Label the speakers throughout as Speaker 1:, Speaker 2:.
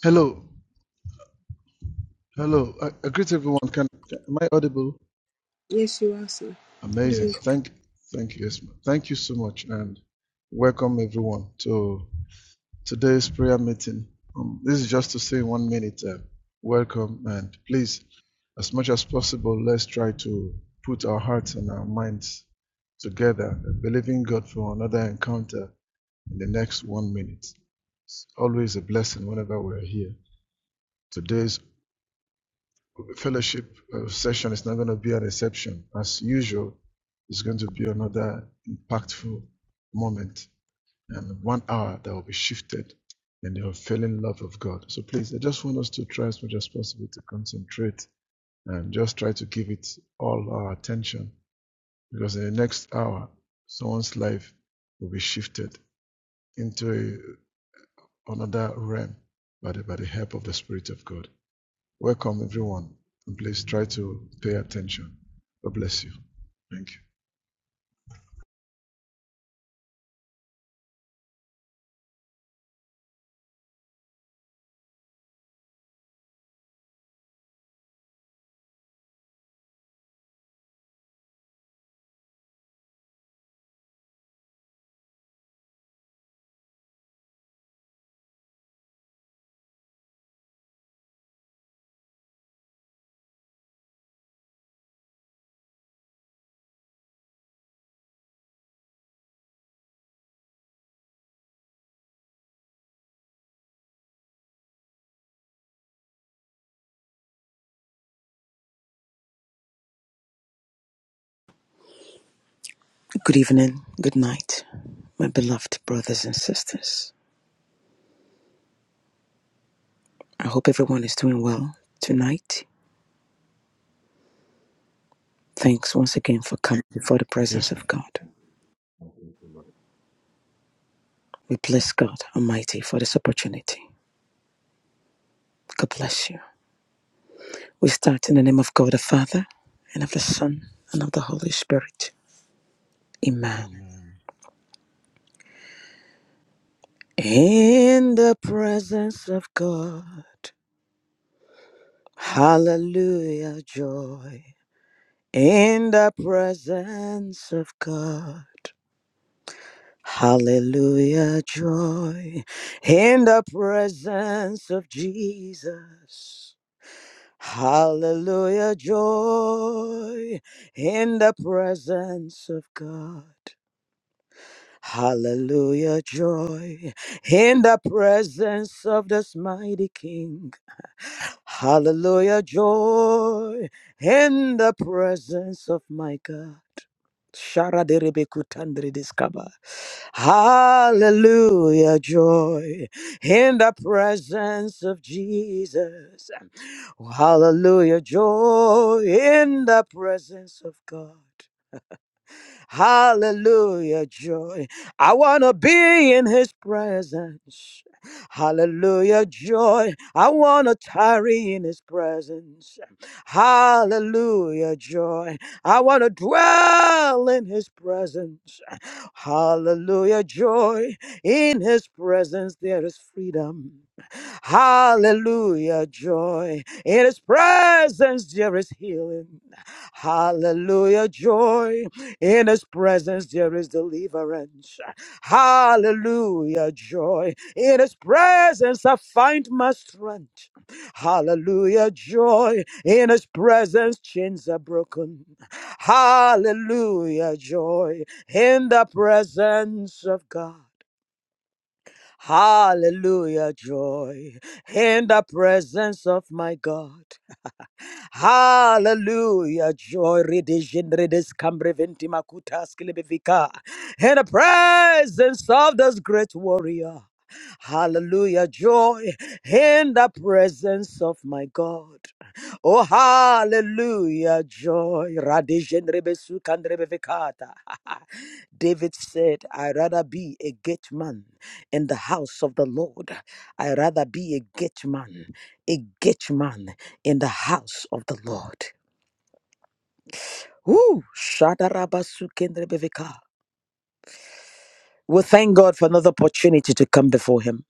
Speaker 1: Hello, hello. I, I greet everyone. Can, can am I audible?
Speaker 2: Yes, you are, sir. Good
Speaker 1: Amazing.
Speaker 2: evening.
Speaker 1: Thank, thank you. Yes, Thank you so much, and welcome everyone to today's prayer meeting. Um, this is just to say in one minute. Uh, welcome, and please, as much as possible, let's try to put our hearts and our minds together, believing God for another encounter in the next one minute. It's always a blessing whenever we're here. Today's fellowship uh, session is not going to be an exception. As usual, it's going to be another impactful moment and one hour that will be shifted in the unfailing love of God. So please, I just want us to try as much as possible to concentrate and just try to give it all our attention because in the next hour, someone's life will be shifted into a, another realm by the, by the help of the Spirit of God. Welcome, everyone. And Please try to pay attention. God bless you. Thank you.
Speaker 3: Good evening, good night, my beloved brothers and sisters. I hope everyone is doing well tonight. Thanks once again for coming before the presence
Speaker 1: Yes,
Speaker 3: of
Speaker 1: ma'am.
Speaker 3: God.
Speaker 4: Thank you so much,
Speaker 3: We bless God Almighty for this opportunity. God bless you. We start in the name of God the Father, and of the Son, and of the Holy Spirit. Amen.
Speaker 1: Amen.
Speaker 3: In the presence of God, hallelujah, joy. In the presence of God. Hallelujah, joy in the presence of Jesus. Hallelujah, joy in the presence of God. Hallelujah, joy in the presence of this mighty King. Hallelujah, joy in the presence of my God. Shara de Rebekutandri Hallelujah, joy in the presence of Jesus. Hallelujah, joy in the presence of God. Hallelujah, joy. I want to be in his presence. Hallelujah, joy. I want to tarry in his presence. Hallelujah, joy. I want to dwell in his presence. Hallelujah, joy. In his presence there is freedom. Hallelujah, joy. In his presence there is healing. Hallelujah, joy. In his presence there is deliverance. Hallelujah, joy. In his presence I find my strength. Hallelujah, joy. In his presence chains are broken. Hallelujah, joy. In the presence of God. Hallelujah, joy. In the presence of my God. Hallelujah. Joy redision redis cambreventi makutas kilibivika. In the presence of this great warrior. Hallelujah. Joy in the presence of my God. Oh, hallelujah. Joy. Radision rebesukan rebevikata. David said, i rather be a gate man in the house of the Lord. i rather be a gate man, a gate man in the house of the Lord. Woo! Shadarabasukendrebeveka. We thank God for another opportunity to come before Him.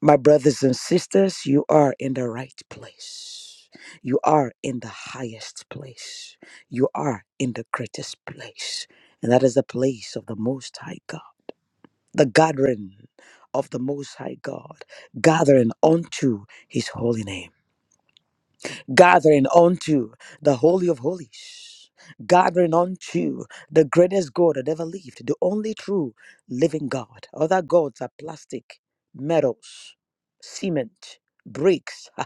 Speaker 3: My brothers and sisters, you are in the right place. You are in the highest place. You are in the greatest place. And that is the place of the Most High God, the gathering of the Most High God, gathering unto His holy name. gathering unto the Holy of Holies, gathering unto the greatest God that ever lived, the only true living God. Other gods are plastic, metals, cement, bricks.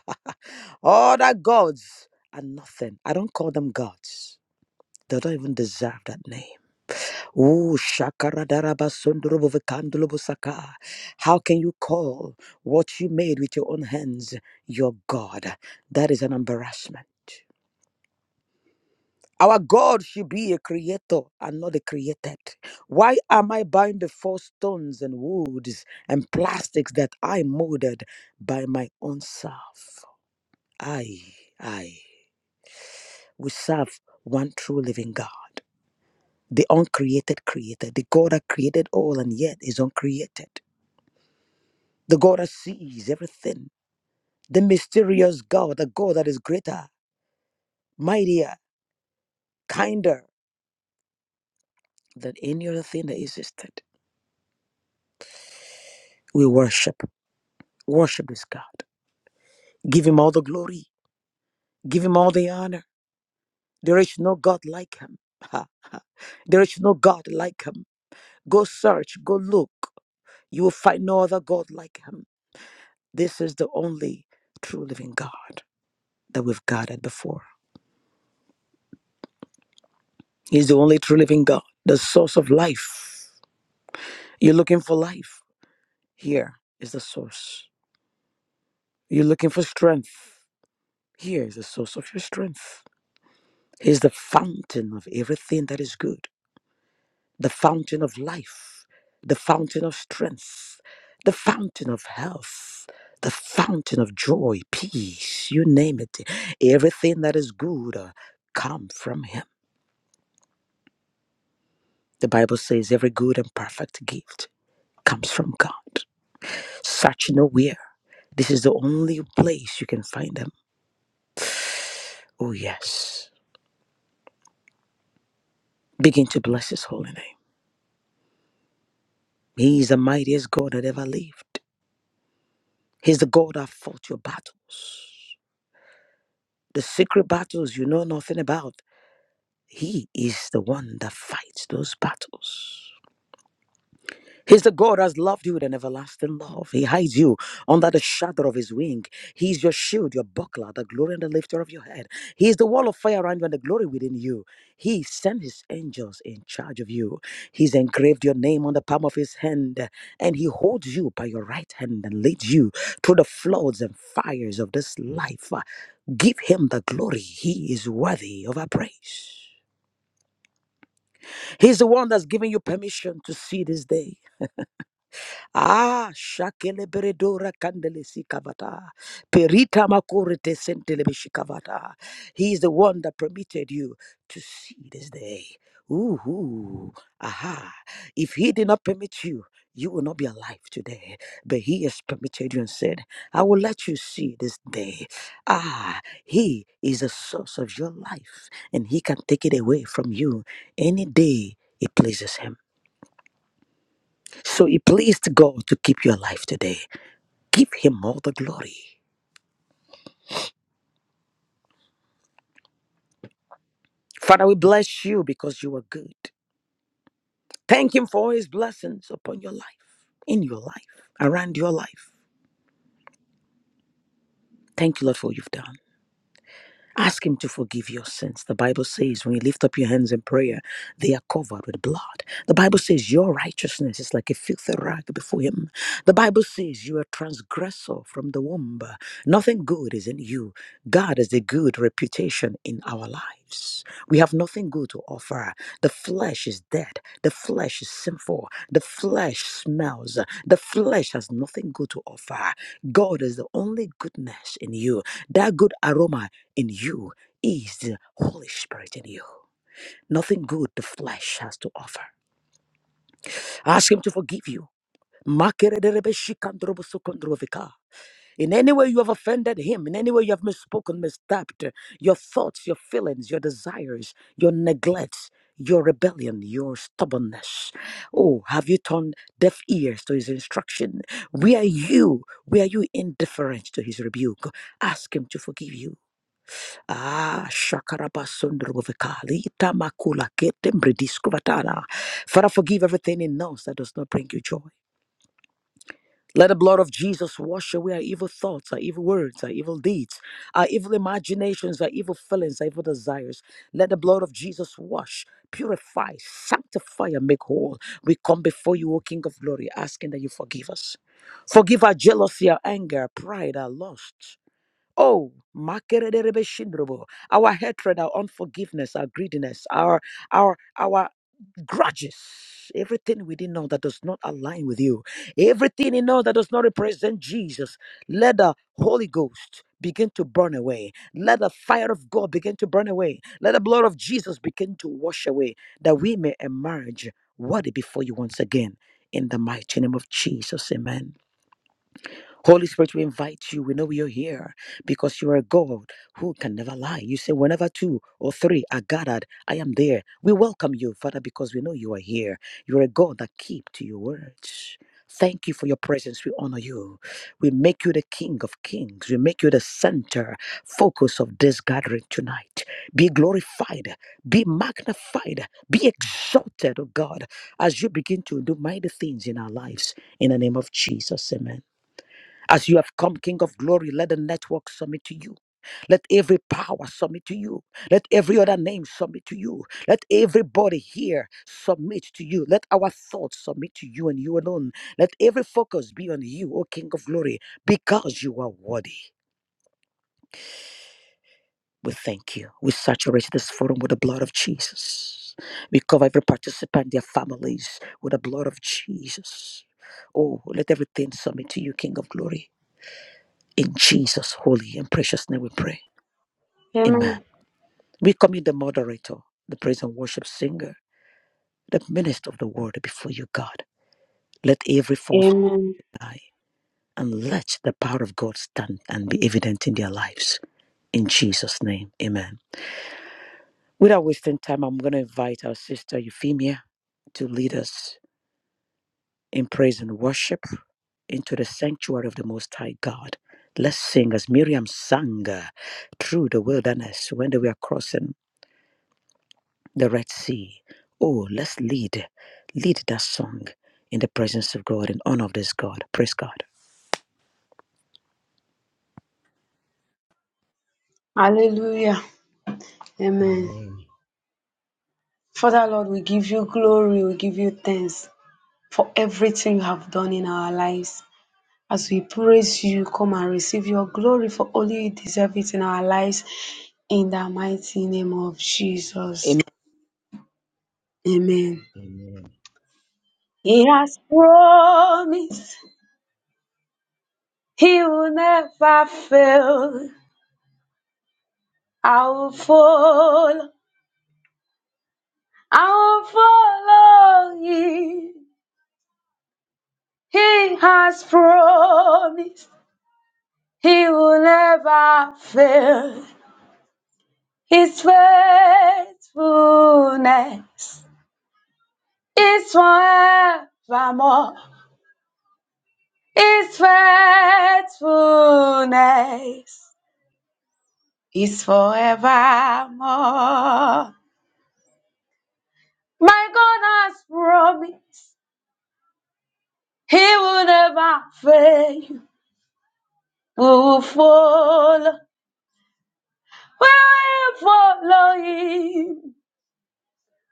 Speaker 3: Other gods are nothing. I don't call them gods. They don't even deserve that name. Ooh, shakaradaraba sundrubovekandulubusaka. How can you call what you made with your own hands your God? That is an embarrassment. Our God should be a creator and not a created. Why am I buying before stones and woods and plastics that I molded by my own self? I, I, we serve one true living God, the uncreated creator, the God that created all and yet is uncreated, the God that sees everything, the mysterious God, the God that is greater, mightier, kinder than any other thing that existed. We worship, worship this God. Give him all the glory. Give him all the honor. There is no God like him. Ha, ha. There is no God like him. Go search, go look. You will find no other God like him. This is the only true living God that we've guarded before. He's the only true living God, the source of life. You're looking for life. Here is the source. You're looking for strength. Here is the source of your strength. He's the fountain of everything that is good. the fountain of life, the fountain of strength, the fountain of health, the fountain of joy, peace, you name it. Everything that is good uh, come from him. The Bible says every good and perfect gift comes from God. Search nowhere. This is the only place you can find him. Oh yes. Begin to bless his holy name. He is the mightiest God that ever lived. He's the God that fought your battles the secret battles you know nothing about. He is the one that fights those battles. He's the God has loved you with an everlasting love. He hides you under the shadow of his wing. He's your shield, your buckler, the glory and the lifter of your head. He is the wall of fire around you and the glory within you. He sent his angels in charge of you. He's engraved your name on the palm of his hand, and he holds you by your right hand and leads you through the floods and fires of this life. Give him the glory. He is worthy of our praise. He's the one that's giving you permission to see this day. Ah, shakele beredora kandele sikavata. Perita makurete sentelebe shikavata. He's the one that permitted you to see this day. Ooh, ooh, aha. If he did not permit you, you will not be alive today. But he has permitted you and said, I will let you see this day. Ah, he is the source of your life, and he can take it away from you any day it pleases him. So it pleased God to keep you alive today. Give him all the glory. Father, we bless you because you are good. Thank him for his blessings upon your life, in your life, around your life. Thank you, Lord, for what you've done. Ask Him to forgive your sins. The Bible says, when you lift up your hands in prayer, they are covered with blood. The Bible says, your righteousness is like a filthy rag before Him. The Bible says, you are transgressor from the womb. Nothing good is in you. God has a good reputation in our lives. We have nothing good to offer. The flesh is dead. The flesh is sinful. The flesh smells. The flesh has nothing good to offer. God is the only goodness in you. That good aroma in you is the Holy Spirit in you. Nothing good the flesh has to offer. Ask Him to forgive you. Makerederebeshikandrobosokondrovika. In any way you have offended Him, in any way you have misspoken, mistyped, your thoughts, your feelings, your desires, your neglects, your rebellion, your stubbornness. Oh, have you turned deaf ears to His instruction? Where are you? Where are you indifferent to His rebuke? Ask Him to forgive you. Ah, shakarabasundruvikali tamakula ketembrediskuvatara. Father, forgive everything in us that does not bring you joy. Let the blood of Jesus wash away our evil thoughts, our evil words, our evil deeds, our evil imaginations, our evil feelings, our evil desires. Let the blood of Jesus wash, purify, sanctify, and make whole. We come before you, O King of Glory, asking that you forgive us. Forgive our jealousy, our anger, our pride, our lust. Oh, makerederebeshindrobo. our hatred, our unforgiveness, our greediness, our our our grudges, everything within us that does not align with you, everything in us that does not represent Jesus, let the Holy Ghost begin to burn away. Let the fire of God begin to burn away. Let the blood of Jesus begin to wash away, that we may emerge worthy before you once again. In the mighty name of Jesus, Amen. Holy Spirit, we invite you. We know you're here because you are God who can never lie. You say, whenever two or three are gathered, I am there. We welcome you, Father, because we know you are here. You are a God that keep to your words. Thank you for your presence. We honor you. We make you the King of Kings. We make you the center, focus of this gathering tonight. Be glorified, be magnified, be exalted, oh God, as you begin to do mighty things in our lives. In the name of Jesus, amen. As you have come, King of Glory, let the network submit to you. Let every power submit to you. Let every other name submit to you. Let everybody here submit to you. Let our thoughts submit to you and you alone. Let every focus be on you, O King of Glory, because you are worthy. We thank you. We saturate this forum with the blood of Jesus. We cover every participant, their families, with the blood of Jesus. Oh, let everything submit to you, King of Glory. In Jesus' holy and precious name we pray. Amen.
Speaker 5: Amen.
Speaker 3: We commit the moderator, the praise and worship singer, the minister of the word before you, God. Let every form of
Speaker 5: Amen.
Speaker 3: die and let the power of God stand and be evident in their lives. In Jesus' name, amen. Without wasting time, I'm going to invite our sister Euphemia to lead us in praise and worship into the sanctuary of the Most High God. Let's sing as Miriam sang uh, through the wilderness when they were crossing the Red Sea. Oh, let's lead, lead that song in the presence of God in honor of this God. Praise God.
Speaker 5: Hallelujah. Amen.
Speaker 1: Amen.
Speaker 5: Father Lord, we give you glory, we give you thanks for everything you have done in our lives. As we praise you, come and receive your glory for only you deserve it in our lives. In the mighty name of Jesus.
Speaker 3: Amen.
Speaker 5: Amen.
Speaker 1: Amen.
Speaker 5: He has promised he will never fail. I will follow, I will follow you. He has promised he will never fail. His faithfulness is forevermore. His faithfulness is forevermore. My God has promised he will never fail. We will follow, we will follow him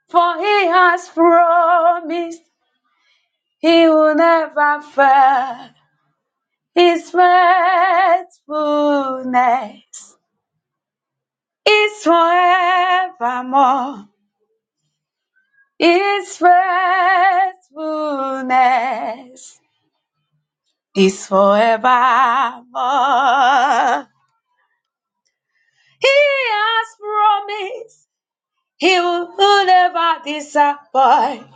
Speaker 5: For he has promised he will never fail. His faithfulness is forevermore. His faithfulness is forevermore. He has promised he will never disappoint.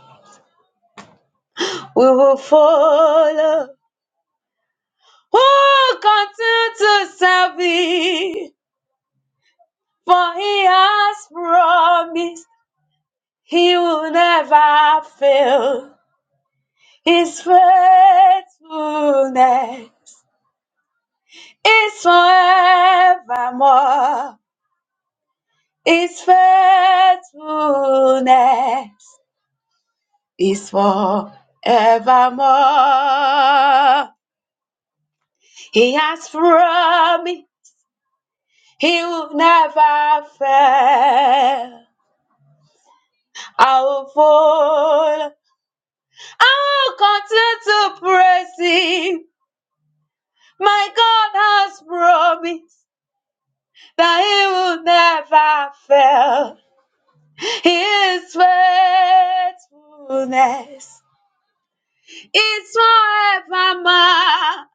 Speaker 5: We will follow. Who continue to serve him? For he has promised he will never fail. His faithfulness is forevermore. His faithfulness is forevermore. He has promised he will never fail. I will follow. I will continue to praise him. My God has promised that He will never fail. His faithfulness is forevermore.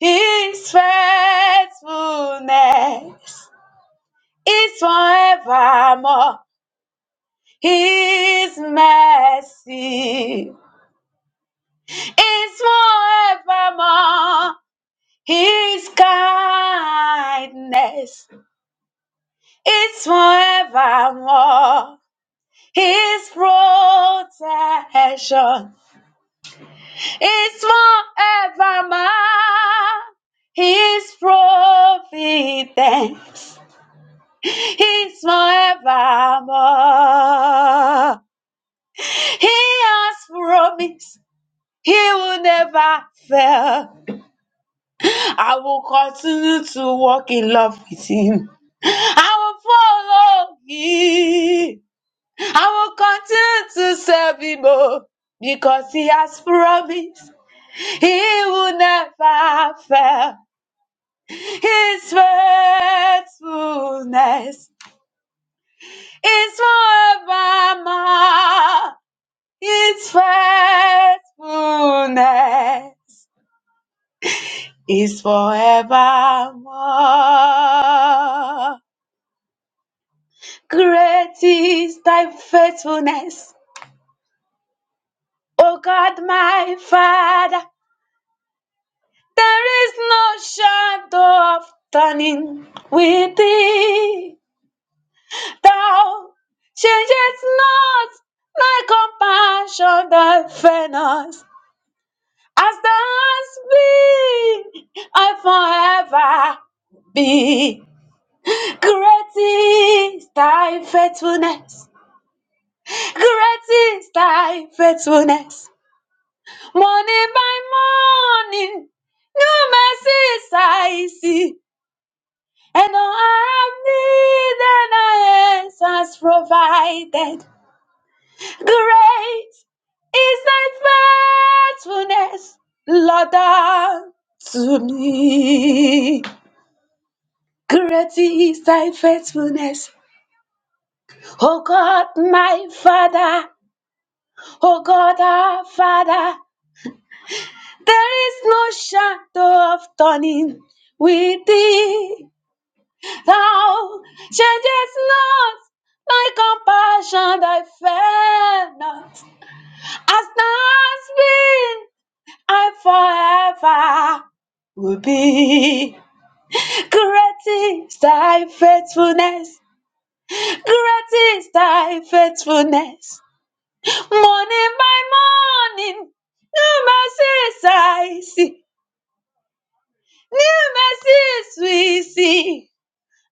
Speaker 5: His faithfulness is forevermore. His mercy is forevermore. His kindness is forevermore. His protection is forevermore. His providence is forevermore. He has promised he will never fail. I will continue to walk in love with him. I will follow him. I will continue to serve him. oh, Because he has promised. He will never fail. His faithfulness is forevermore. His faithfulness is forevermore. Great is thy faithfulness, O God my Father. There is no shadow of turning with thee. Thou changest not thy compassion, thy fairness. As thou hast been, I forever be. Great is thy faithfulness. Great is thy faithfulness. Morning by morning, new mercies I see. And all I have needed, thy hands has provided. Great is thy faithfulness, Lord, unto me. Great is thy faithfulness, O God, my Father, O God, our Father. There is no shadow of turning with thee. Thou changest not thy compassion, thy fair not. As thou hast been, and forever will be. Great is thy faithfulness. Great is thy faithfulness. Morning by morning, new mercies I see. New mercies we see.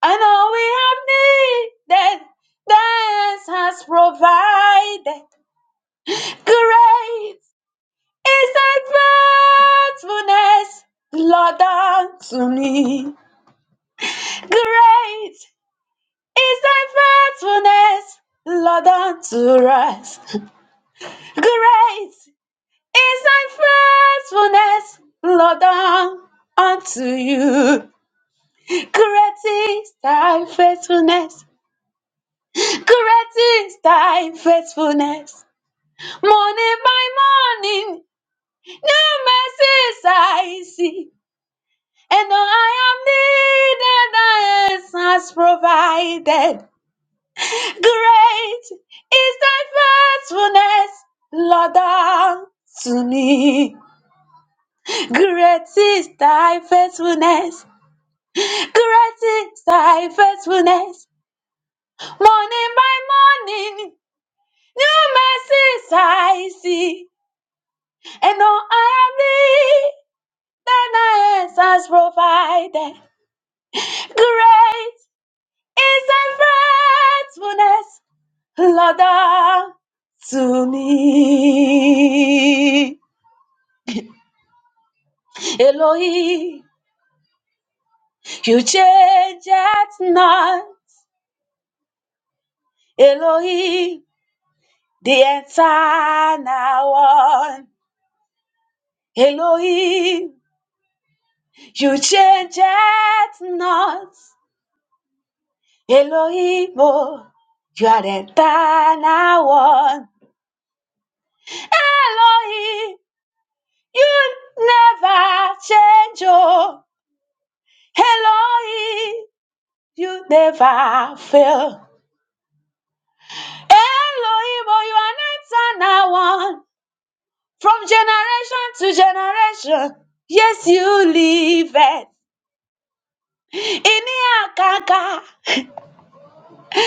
Speaker 5: And all we have needed, thy hands has provided. Great is thy faithfulness, Lord, unto me. Great is thy faithfulness, Lord, unto us. Great is thy faithfulness, Lord, unto you. Great is thy faithfulness. Great is thy faithfulness. Morning by morning, new mercies I see. And all I am needed, thy hands has provided. Great is thy faithfulness, Lord, unto me. Great is thy faithfulness. Great is thy faithfulness. Morning by morning, new mercies I see. And all I am thee, thine hands has provided. Great is thy faithfulness, Lord, unto me. Elohim, you change it not. Elohim, the eternal one. Elohim, you change it not. Elohim, oh, you are the eternal one. Elohim, you never change, oh. Elohim, you never fail. Elohim, oh, you are an eternal one. From generation to generation, yes, you live it. Ini akaka,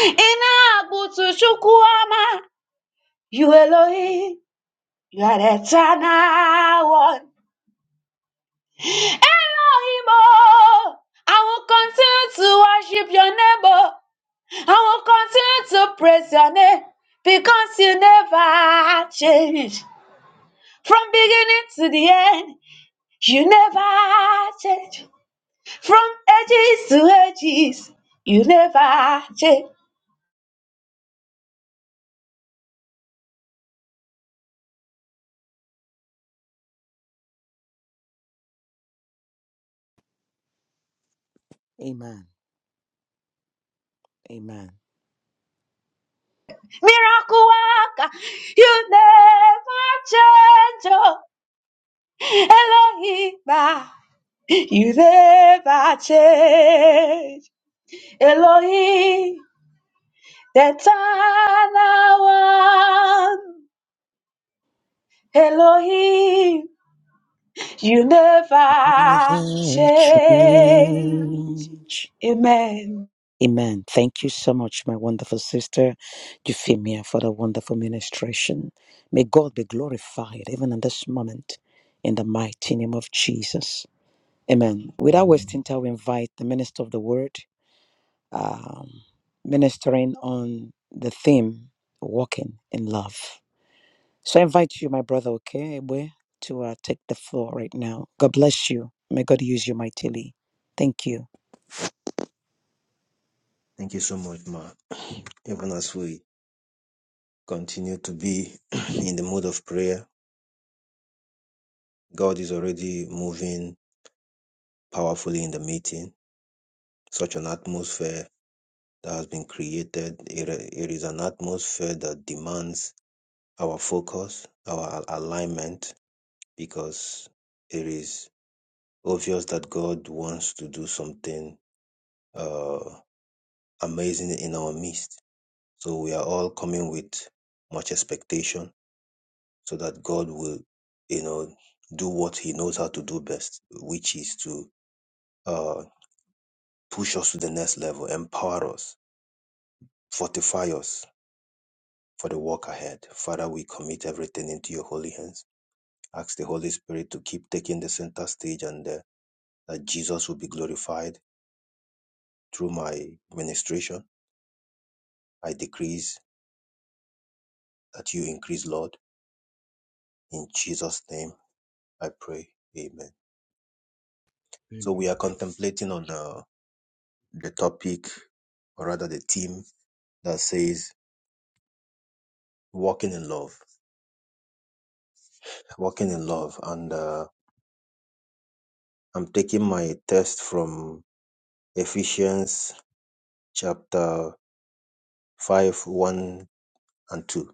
Speaker 5: ina abutu chukwuama. You Elohim, you are the eternal one. Elohim, oh, I will continue to worship your name. oh. I will continue to praise your name because you never change. From beginning to the end, you never change. From ages to ages, you never change.
Speaker 3: Amen. Amen.
Speaker 5: Miracle worker, you never change. Oh, Elohim, ah, you never change. Elohim, the eternal one. Elohim, you never
Speaker 3: Never
Speaker 5: change.
Speaker 3: change.
Speaker 5: Amen.
Speaker 3: Amen. Thank you so much, my wonderful sister Euphemia, for the wonderful ministration. May God be glorified even in this moment in the mighty name of Jesus. Amen. Without
Speaker 1: Amen.
Speaker 3: wasting time, we invite the minister of the word. um, ministering on the theme walking in love. So I invite you, my brother, okay, Ebwe, to uh, take the floor right now. God bless you. May God use you mightily. Thank you.
Speaker 4: Thank you so much, Ma. Even as we continue to be in the mood of prayer, God is already moving powerfully in the meeting. Such an atmosphere that has been created. It, it is an atmosphere that demands our focus, our al- alignment, because it is obvious that God wants to do something uh, amazing in our midst. So we are all coming with much expectation so that God will, you know, do what He knows how to do best, which is to uh, push us to the next level, empower us, fortify us for the walk ahead. Father, we commit everything into Your holy hands. Ask the Holy Spirit to keep taking the center stage, and uh, that Jesus will be glorified through my ministration. I decrease that You increase, Lord. In Jesus' name, I pray. Amen. So we
Speaker 1: Amen.
Speaker 4: are contemplating on uh, the topic, or rather the theme, that says walking in love walking in love and uh, i'm taking my test from ephesians chapter 5 1 and 2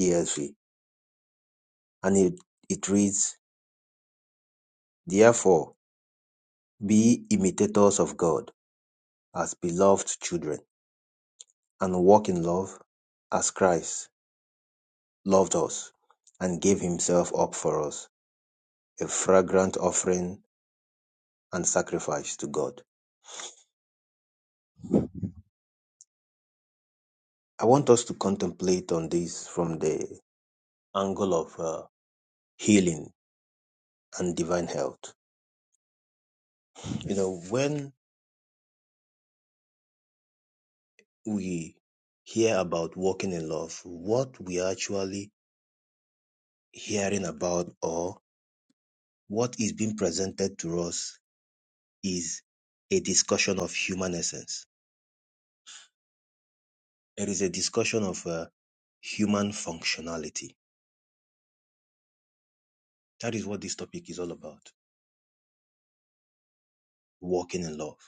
Speaker 4: esv and it, it reads therefore be imitators of god as beloved children and walk in love as christ loved us and gave himself up for us a fragrant offering and sacrifice to god I want us to contemplate on this from the angle of uh, healing and divine health. You know, when we hear about walking in love, what we are actually hearing about or what is being presented to us is a discussion of human essence. It is a discussion of uh, human functionality. That is what this topic is all about. Walking in love.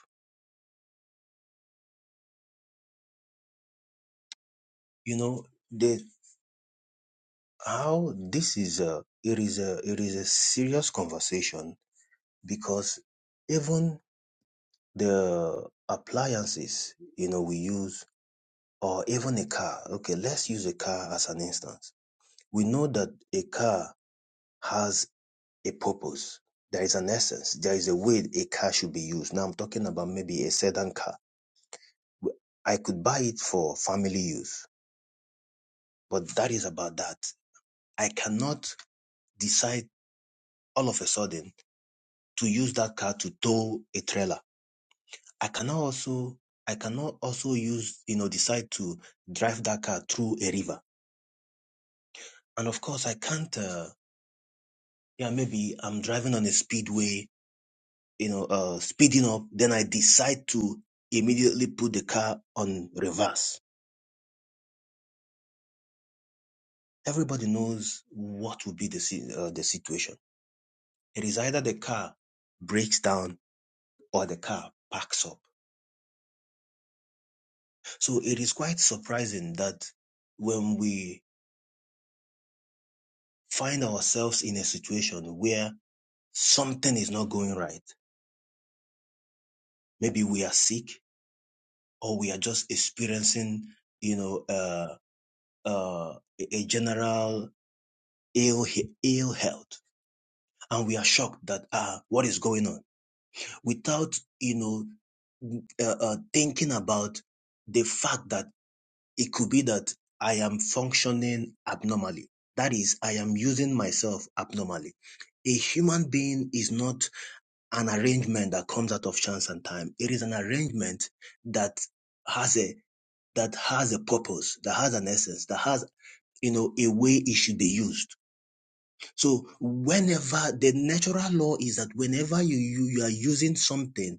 Speaker 4: You know, the how this is a it is a it is a serious conversation because even the appliances you know we use or even a car okay let's use a car as an instance we know that a car has a purpose there is an essence there is a way a car should be used now i'm talking about maybe a sedan car i could buy it for family use but that is about that i cannot decide all of a sudden to use that car to tow a trailer i cannot also i cannot also use you know decide to drive that car through a river and of course i can't uh, yeah maybe i'm driving on a speedway you know uh, speeding up then i decide to immediately put the car on reverse everybody knows what would be the, si- uh, the situation it is either the car breaks down or the car backs up so it is quite surprising that when we find ourselves in a situation where something is not going right maybe we are sick or we are just experiencing you know uh, uh, a general ill he- ill health, and we are shocked that ah, what is going on? Without you know uh, uh, thinking about the fact that it could be that I am functioning abnormally. That is, I am using myself abnormally. A human being is not an arrangement that comes out of chance and time. It is an arrangement that has a that has a purpose, that has an essence, that has you know a way it should be used So whenever the natural law is that whenever you, you, you are using something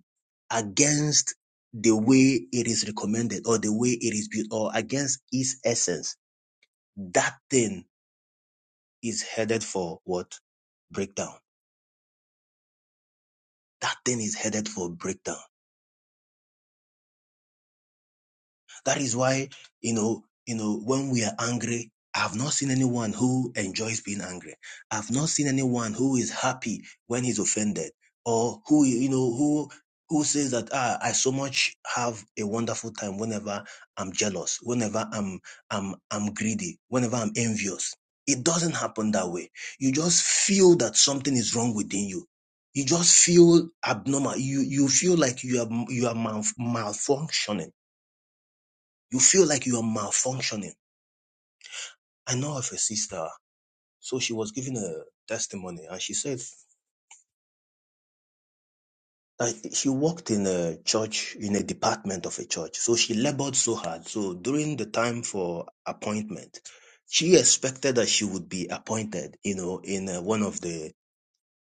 Speaker 4: against the way it is recommended or the way it is built or against its essence, that thing is headed for what? Breakdown. That thing is headed for breakdown. That is why, you know, you know, when we are angry, I've not seen anyone who enjoys being angry. I've not seen anyone who is happy when he's offended or who, you know, who, who says that, ah, I so much have a wonderful time whenever I'm jealous, whenever I'm, I'm, I'm greedy, whenever I'm envious. It doesn't happen that way. You just feel that something is wrong within you. You just feel abnormal. You, you feel like you are, you are malfunctioning you feel like you are malfunctioning. I know of a sister. So she was giving a testimony and she said that she worked in a church, in a department of a church. So she labored so hard. So during the time for appointment, she expected that she would be appointed, you know, in uh, one of the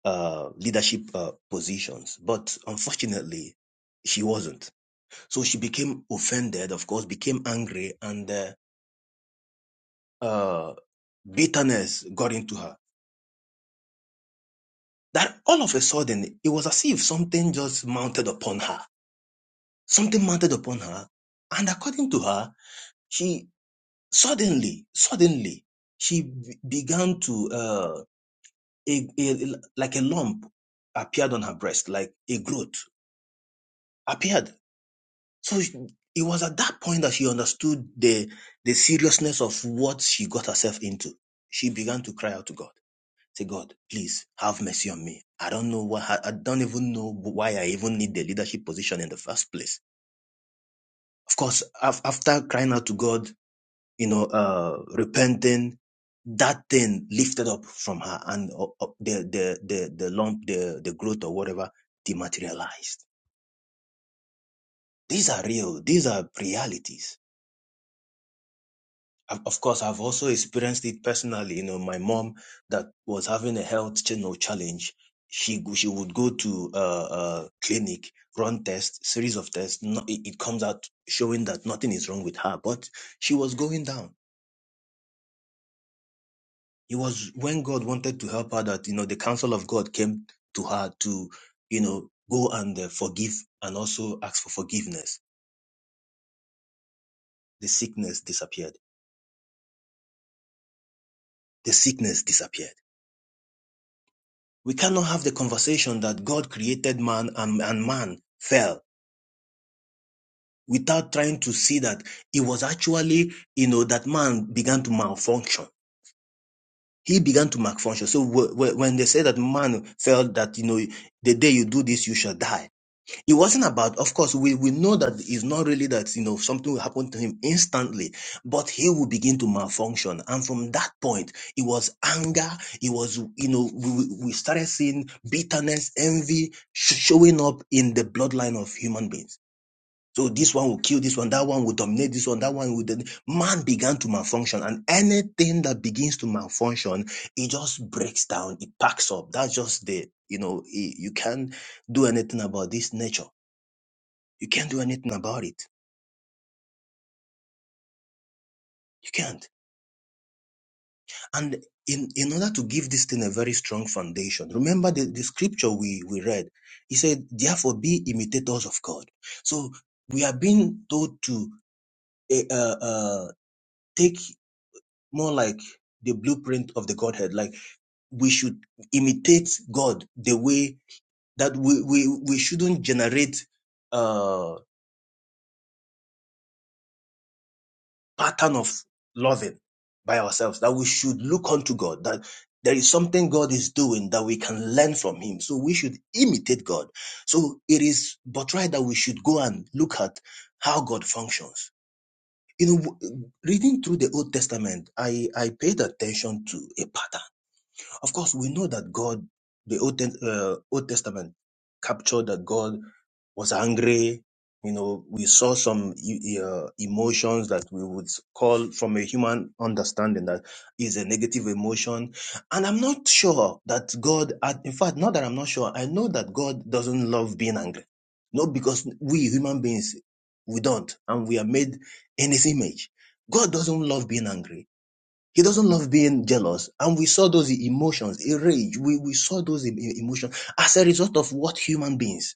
Speaker 4: uh, leadership uh, positions. But unfortunately, she wasn't. So she became offended, of course, became angry, and uh, uh, bitterness got into her that all of a sudden it was as if something just mounted upon her. Something mounted upon her. And according to her, she suddenly, suddenly, she be- began to, uh, a, a, like a lump appeared on her breast, like a growth appeared. So she- it was at that point that she understood the, the seriousness of what she got herself into. She began to cry out to God. Say, God, please have mercy on me. I don't know what, I don't even know why I even need the leadership position in the first place. Of course, after crying out to God, you know, uh, repenting, that thing lifted up from her and uh, uh, the, the, the, the lump, the, the growth or whatever dematerialized. These are real. These are realities. I've- of course, I've also experienced it personally. You know, my mom that was having a health channel challenge, she go- she would go to a uh, uh, clinic, run tests, series of tests. No, it, it comes out showing that nothing is wrong with her, but she was going down. It was when God wanted to help her that you know the counsel of God came to her to you know go and uh, forgive and also ask for forgiveness. The sickness disappeared. The sickness disappeared We cannot have the conversation that God created man and, and man fell without trying to see that it was actually, you know, that man began to malfunction. He began to malfunction. So w- w- when they say that man fell that, you know, the day you do this, you shall die It wasn't about, of course, we, we know that it's not really that, you know, something will happen to him instantly, but he will begin to malfunction. And from that point, it was anger. It was, you know, we, we we started seeing bitterness, envy sh- showing up in the bloodline of human beings. So this one will kill this one, that one will dominate this one, that one will. domin- Man began to malfunction, and anything that begins to malfunction, it just breaks down, it packs up. That's just the, you know, i- you can't do anything about this nature. You can't do anything about it. You can't. And in, in order to give this thing a very strong foundation, remember the, the scripture we, we read. He said, therefore be imitators of God. So we are being told to eh, uh, uh, take more like the blueprint of the Godhead. Like we should imitate God the way that we, we, we shouldn't generate uh, pattern of loving by ourselves, that we should look unto God, that there is something God is doing that we can learn from Him. So we should imitate God. So it is but right that we should go and look at how God functions. You know, reading through the Old Testament, I, I paid attention to a pattern of course, we know that God, the Old, Ten- uh, Old Testament captured that God was angry. You know, we saw some e- e, uh, emotions that we would call from a human understanding that is a negative emotion. And I'm not sure that God, in fact, not that I'm not sure, I know that God doesn't love being angry. Not because we human beings, we don't, and we are made in his image. God doesn't love being angry he doesn't love being jealous. And we saw those emotions, a rage. We, we saw those e- emotions as a result of what human beings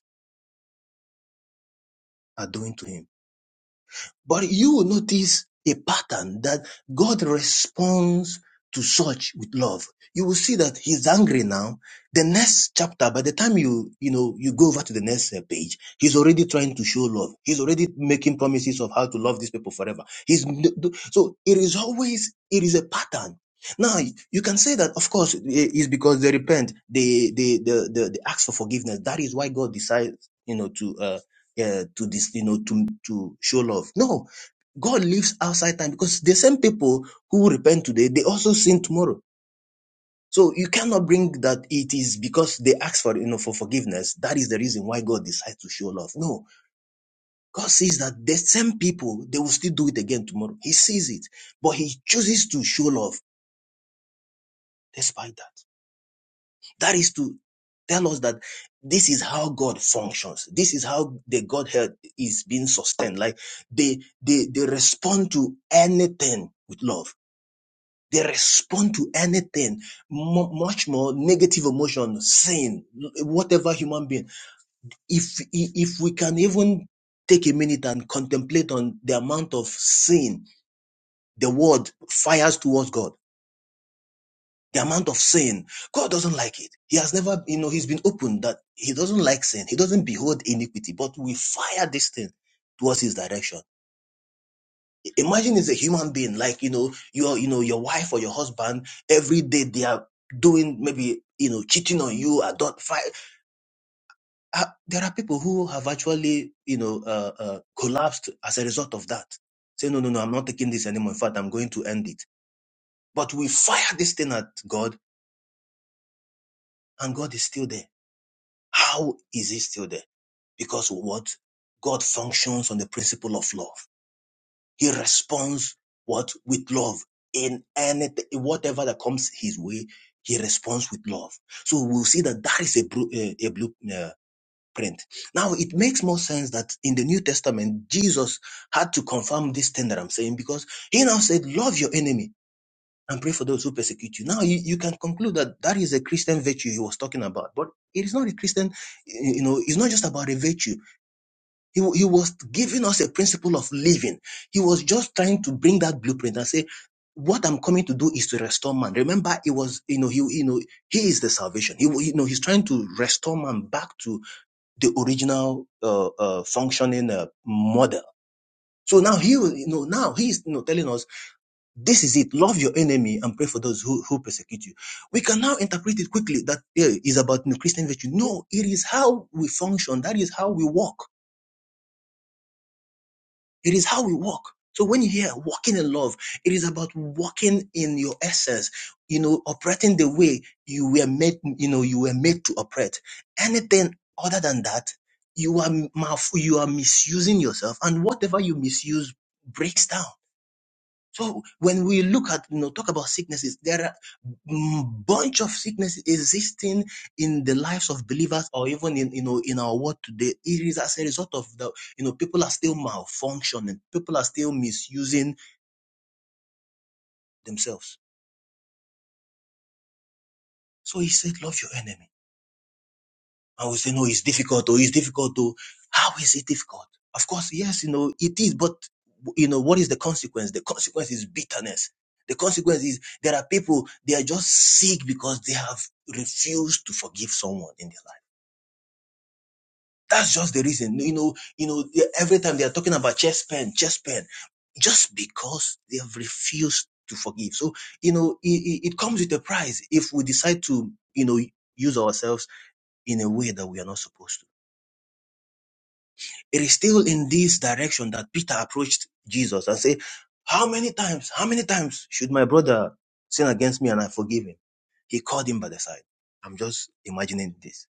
Speaker 4: are doing to him. But you will notice a pattern that God responds to such with love. You will see that he's angry now. The next chapter, by the time you, you know, you go over to the next uh, page, he's already trying to show love. He's already making promises of how to love these people forever. He's, so it is always, it is a pattern. Now you can say that, of course, it's because they repent, they, they, they, they, they ask for forgiveness. That is why God decides, you know, to uh, uh, to this, you know, to to show love. No, God lives outside time because the same people who repent today, they also sin tomorrow. So you cannot bring that it is because they ask for you know for forgiveness. That is the reason why God decides to show love. No, God sees that the same people they will still do it again tomorrow. He sees it, but He chooses to show love despite that. That is to tell us that this is how God functions. This is how the Godhead is being sustained. Like they they they respond to anything with love. They respond to anything, mu- much more negative emotion, sin, whatever human being. If if we can even take a minute and contemplate on the amount of sin the world fires towards God the amount of sin. God doesn't like it. He has never, you know, he's been open that he doesn't like sin. He doesn't behold iniquity, but we fire this thing towards his direction. I- Imagine it's a human being, like, you know, your, you know, your wife or your husband, every day they are doing maybe, you know, cheating on you, adult fight. Uh, there are people who have actually, you know, uh, uh, collapsed as a result of that. Say, no, no, no, I'm not taking this anymore. In fact, I'm going to end it. But we fire this thing at God and God is still there. How is he still there? Because what? God functions on the principle of love. He responds what? With love. In anything, whatever that comes his way, he responds with love. So we'll see that that is a, blu- eh, a blueprint. Now it makes more sense that in the New Testament, Jesus had to confirm this thing that I'm saying because he now said, love your enemy and pray for those who persecute you. Now, you, you can conclude that that is a Christian virtue he was talking about, but it is not a Christian, eh, you know, it's not just about a virtue. He, he was giving us a principle of living. He was just trying to bring that blueprint and say, what I'm coming to do is to restore man. Remember, it was, you know, he, you know, he is the salvation. He, you know, he's trying to restore man back to the original, uh, uh, functioning, uh, model. So now he, you know, now he's, you know, telling us this is it. Love your enemy and pray for those who, who persecute you. We can now interpret it quickly that eh, about you know, Christian virtue. No, it is how we function. That is how we walk. It is how we walk. So when you hear walking in love, it is about walking in your essence, you know, operating the way you were made, you know, you were made to operate. Anything other than that, you are mal- you are misusing yourself, and whatever you misuse breaks down. So when we look at, you know, talk about sicknesses, there are mm, bunch of sicknesses existing in the lives of believers or even in, you know, in our world today. It is as a result of the, you know, people are still malfunctioning. People are still misusing themselves. So he said, love your enemy. I will say, no, it's difficult, or it's difficult, or how is it difficult? Of course, yes, you know, it is, but you know, what is the consequence? The consequence is bitterness. The consequence is there are people, they are just sick because they have refused to forgive someone in their life. That's just the reason. You know, you know, every time they are talking about chest pain, chest pain, just because they have refused to forgive. So, you know, it, it it comes with a price if we decide to, you know, use ourselves in a way that we are not supposed to. It is still in this direction that Peter approached Jesus and said, How many times, how many times should my brother sin against me and I forgive him? He called him by the side. I'm just imagining this.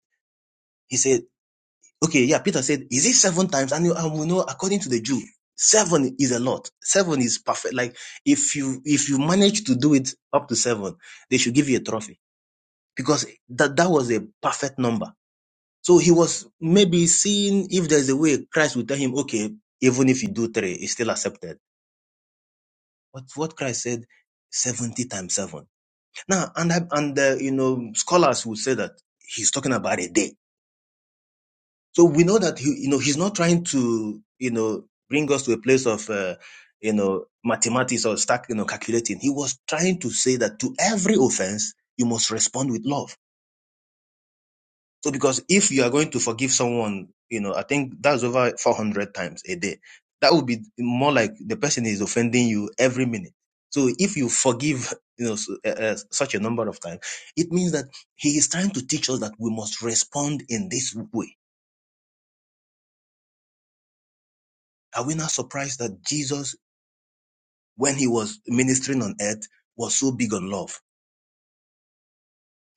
Speaker 4: He said, Okay, yeah, Peter said, Is it seven times? And, you- and we know, according to the Jew, seven is a lot. Seven is perfect. Like if you if you manage to do it up to seven, they should give you a trophy. Because that, that was a perfect number so he was maybe seeing if there's a way Christ would tell him, okay, even if you do three, it's still accepted. But what Christ said, 70 times seven. Now, and, I- and uh, you know, scholars would say that he's talking about a day. So we know that, he, you know, he's not trying to, you know, bring us to a place of, uh, you know, mathematics or start, you know, calculating. He was trying to say that to every offense, you must respond with love So because if you are going to forgive someone, you know, I think that's over 400 times a day. That would be more like the person is offending you every minute. So if you forgive, you know, s- uh, uh, such a number of times, it means that he is trying to teach us that we must respond in this way. Are we not surprised that Jesus, when he was ministering on earth, was so big on love?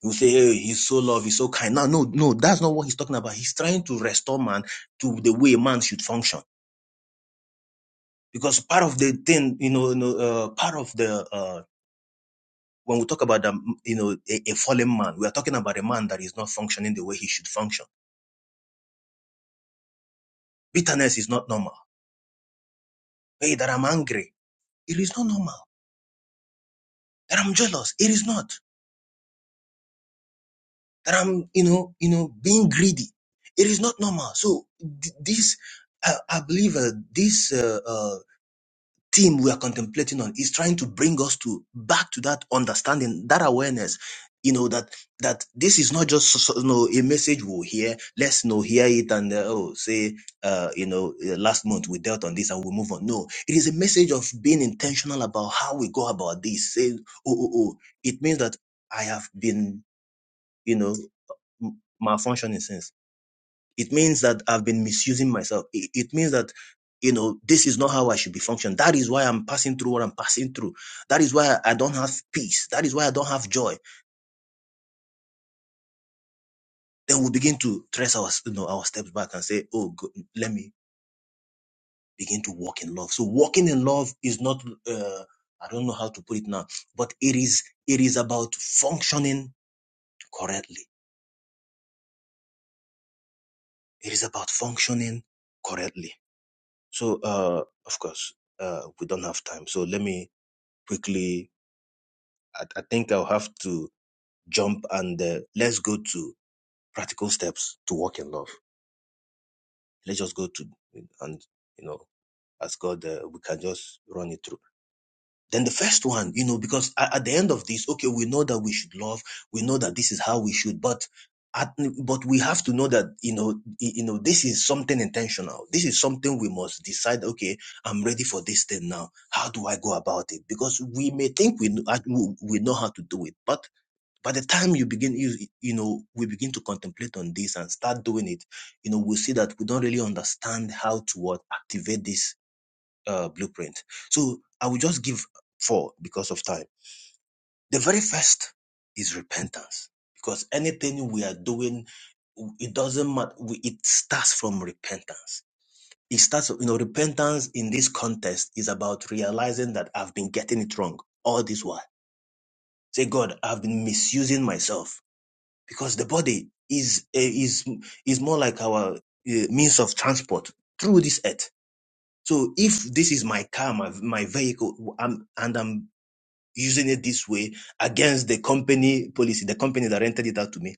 Speaker 4: You say, hey, he's so love, he's so kind. No, no, no, that's not what he's talking about. He's trying to restore man to the way man should function because part of the thing, you know, you know uh, part of the uh, when we talk about the, you know, a, a fallen man, we are talking about a man that is not functioning the way he should function. Bitterness is not normal. Hey, that I'm angry, it is not normal. That I'm jealous, it is not. That I'm, you know, you know, being greedy, it is not normal. So th- this, I, I believe, uh, this. uh, uh, theme we are contemplating on is trying to bring us to back to that understanding, that awareness, you know, that that this is not just so- so- you know a message we'll hear. Let's you know hear it and uh, oh say uh, you know uh, last month we dealt on this and we move on. No, it is a message of being intentional about how we go about this. Say oh oh oh, it means that I have been you know m- malfunctioning since. It means that I've been misusing myself. It, it means that, you know, this is not how I should be functioning. That is why I'm passing through what I'm passing through. That is why I don't have peace. That is why I don't have joy. Then we begin to trace our, you know, our steps back and say, oh, go, let me begin to walk in love. So walking in love is not, uh, I don't know how to put it now, but it is, it is about functioning correctly. It is about functioning correctly. So, uh, of course, uh, we don't have time. So let me quickly I, I think I'll have to jump and uh, let's go to practical steps to walk in love. Let's just go to and you know, as God, uh, we can just run it through. Then the first one, you know, because at, at the end of this, okay, we know that we should love, we know that this is how we should, but at, but we have to know that you know, you know, this is something intentional. This is something we must decide. Okay, I'm ready for this thing now. How do I go about it? Because we may think we we know how to do it, but by the time you begin you you know we begin to contemplate on this and start doing it you know we see that we don't really understand how to what activate this uh, blueprint so i will just give four because of time the very first is repentance because anything we are doing it doesn't matter We, it starts from repentance it starts you know repentance in this context is about realizing that i've been getting it wrong all this while say god i've been misusing myself because the body is eh, is is more like our eh, means of transport through this earth. So if this is my car, my my vehicle, I'm, and I'm using it this way against the company policy, the company that rented it out to me,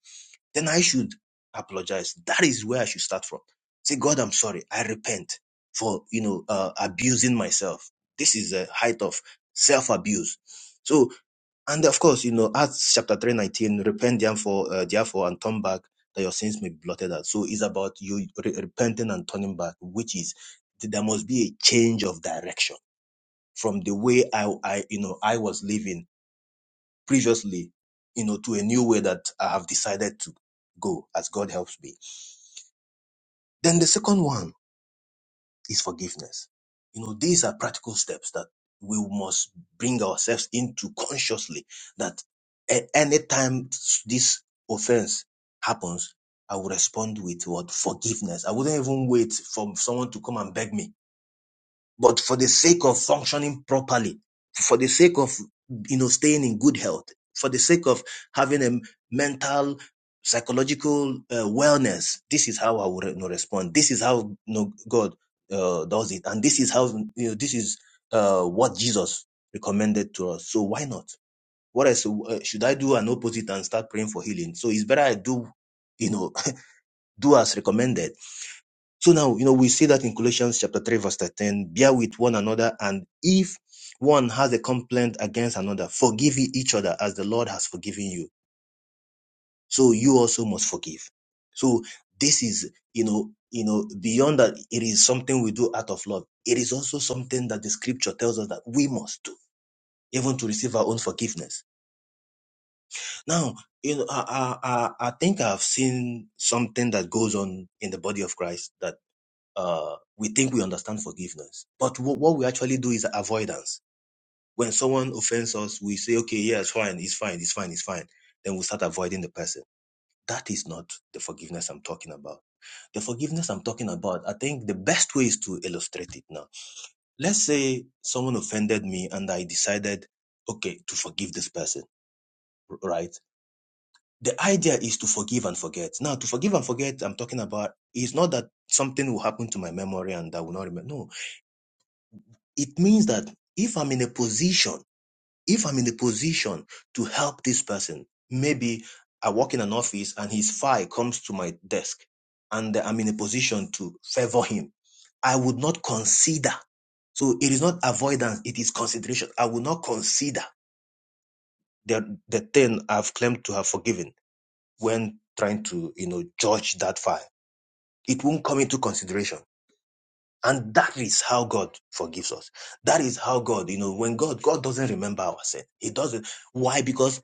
Speaker 4: then I should apologize. That is where I should start from. Say, God, I'm sorry. I repent for you know uh, abusing myself. This is a height of self abuse. So. And of course, you know, Acts chapter 3 19, repent therefore, uh, therefore and turn back that your sins may be blotted out. So it's about you re- repenting and turning back, which is th- there must be a change of direction from the way I, I, you know, I was living previously, you know, to a new way that I have decided to go as God helps me. Then the second one is forgiveness. You know, these are practical steps that we must bring ourselves into consciously that at any time this offense happens, I will respond with what forgiveness. I wouldn't even wait for someone to come and beg me. But for the sake of functioning properly, for the sake of you know staying in good health, for the sake of having a mental psychological uh, wellness, this is how I would you know, respond. This is how you know, God uh, does it, and this is how you know this is uh, what Jesus recommended to us. So why not? What else uh, should I do? An opposite and start praying for healing. So it's better I do, you know, do as recommended so now, you know, we see that in Colossians chapter 3, verse 13, bear with one another, and if one has a complaint against another, forgive each other as the Lord has forgiven you. So you also must forgive. So this is, you know, you know, beyond that, it is something we do out of love. It is also something that the scripture tells us that we must do, even to receive our own forgiveness. Now, you know, I, I, I I think I've seen something that goes on in the body of Christ that uh, we think we understand forgiveness. But wh- what we actually do is avoidance. When someone offends us, we say, okay, yeah, it's fine, it's fine, it's fine, it's fine. Then we start avoiding the person. That is not the forgiveness I'm talking about. The forgiveness I'm talking about, I think the best way is to illustrate it now. Let's say someone offended me and I decided, okay, to forgive this person, r- right? The idea is to forgive and forget. Now, to forgive and forget, I'm talking about is not that something will happen to my memory and I will not remember. No, It means that if I'm in a position, if I'm in a position to help this person, maybe I work in an office and his file comes to my desk and I'm in a position to favor him, I would not consider. So it is not avoidance, it is consideration. I will not consider the, the thing I've claimed to have forgiven when trying to, you know, judge that file. It won't come into consideration And that is how God forgives us. That is how God, you know, when God, God doesn't remember our sin. He doesn't. Why? Because,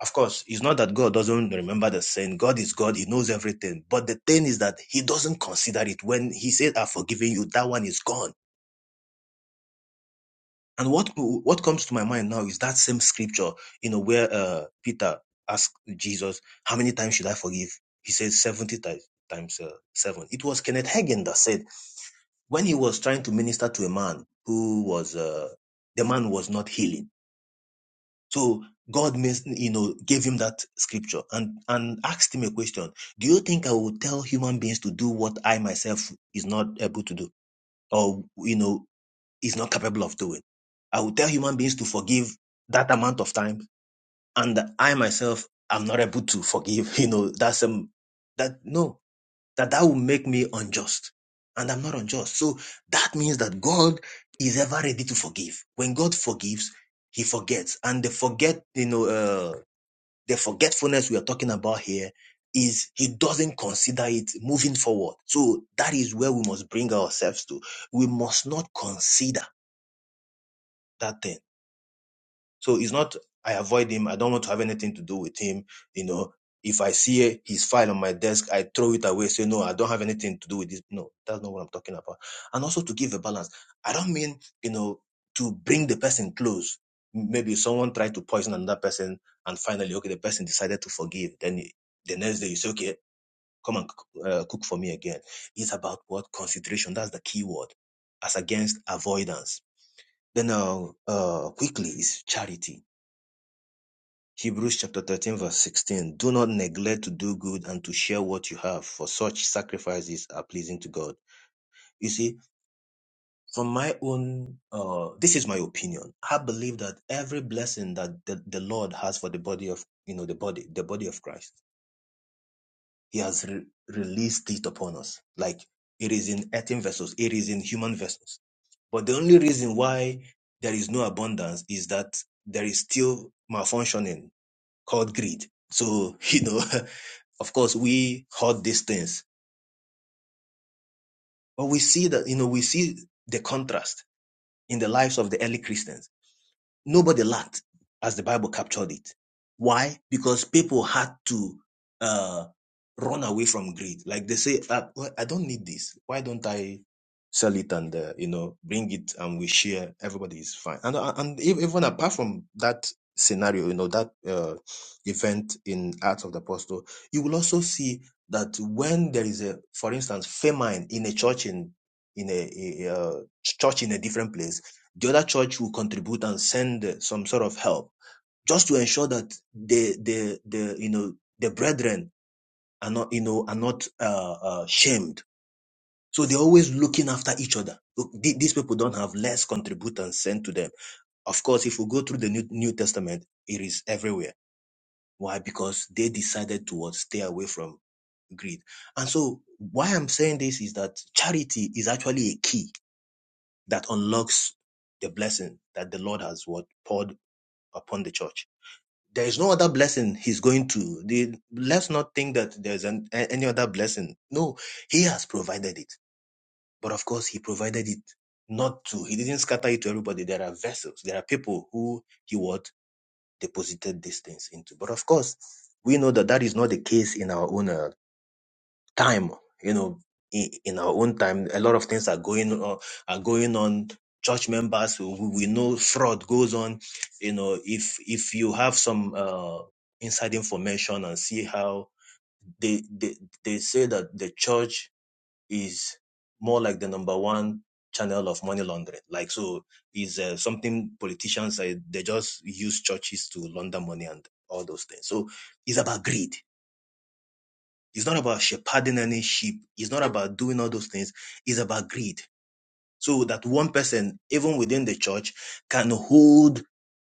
Speaker 4: of course, it's not that God doesn't remember the sin. God is God. He knows everything. But the thing is that He doesn't consider it. When He says, I've forgiven you, that one is gone. And what, what comes to my mind now is that same scripture, you know, where, uh, Peter asked Jesus, how many times should I forgive? He says, 70 times, times uh, seven. It was Kenneth Hagin that said, when he was trying to minister to a man who was uh, the man was not healing so god you know gave him that scripture and and asked him a question do you think i will tell human beings to do what i myself is not able to do or you know is not capable of doing i will tell human beings to forgive that amount of time and i myself am not able to forgive you know that's um that no that that will make me unjust. And I'm not unjust. So that means that God is ever ready to forgive. When God forgives, he forgets. And the forget, you know, uh, the forgetfulness we are talking about here is he doesn't consider it moving forward. So that is where we must bring ourselves to. We must not consider that thing so it's not I avoid him. I don't want to have anything to do with him. You know, if I see his file on my desk, I throw it away. Say no, I don't have anything to do with this. No, that's not what I'm talking about. And also to give a balance. I don't mean you know to bring the person close. Maybe someone tried to poison another person, and finally, okay, the person decided to forgive. Then the next day, you say, okay, come and cook- uh, cook for me again. It's about what consideration. That's the key word, as against avoidance. Then uh, uh, quickly is charity Hebrews chapter 13, verse 16. Do not neglect to do good and to share what you have, for such sacrifices are pleasing to God. You see, from my own, uh, this is my opinion. I believe that every blessing that the, the Lord has for the body of, you know, the body, the body of Christ, He has re- released it upon us. Like it is in earthen vessels, it is in human vessels. But the only reason why there is no abundance is that there is still malfunctioning called greed. So, you know, of course, we heard these things, but we see that, you know, we see the contrast in the lives of the early Christians Nobody lacked, as the Bible captured it. Why? Because people had to uh, run away from greed. Like they say, uh, well, I don't need this. Why don't I sell it and uh, you know bring it and we share? Everybody is fine. And uh, and e-, even apart from that scenario, you know that uh, event in Acts of the Apostle, you will also see that when there is a, for instance, famine in a church in in a, a, a church in a different place the other church will contribute and send uh, some sort of help just to ensure that the the the you know the brethren are not you know are not uh, uh, shamed. So they're always looking after each other. Look, th- these people don't have less contribute and send to them. Of course, if we go through the New, New Testament, it is everywhere. Why? Because they decided to what, stay away from greed. And so, why I'm saying this is that charity is actually a key that unlocks the blessing that the Lord has what poured upon the church. There is no other blessing he's going to. The, let's not think that there's an, any other blessing. No, he has provided it. But of course, he provided it not to. He didn't scatter it to everybody. There are vessels. There are people who he what deposited these things into. But of course, we know that that is not the case in our own. uh, time you know in, in our own time a lot of things are going on are going on church members we, we know fraud goes on you know if if you have some uh inside information and see how they they, they say that the church is more like the number one channel of money laundering like so is uh, something politicians uh, they just use churches to launder money and all those things so it's about greed it's not about shepherding any sheep. It's not about doing all those things. It's about greed. So that one person, even within the church, can hold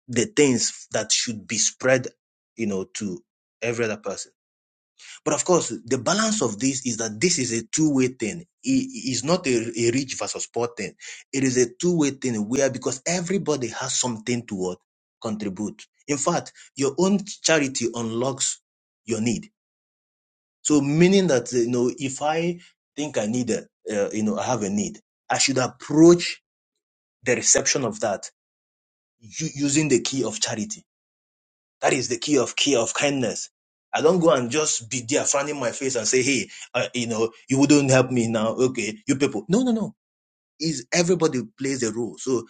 Speaker 4: the things that should be spread, you know, to every other person. But of course, the balance of this is that this is a two-way thing. It is not a, a rich versus poor thing. It is a two-way thing where because everybody has something to what contribute. In fact, your own charity unlocks your need so meaning that you know, if I think I need a, uh, you know, I have a need, I should approach the reception of that u- using the key of charity. That is the key of key of kindness. I don't go and just be there, frowning my face and say, "Hey, uh, you know, you wouldn't help me now." Okay, you people. No, no, no. Is everybody plays a role. So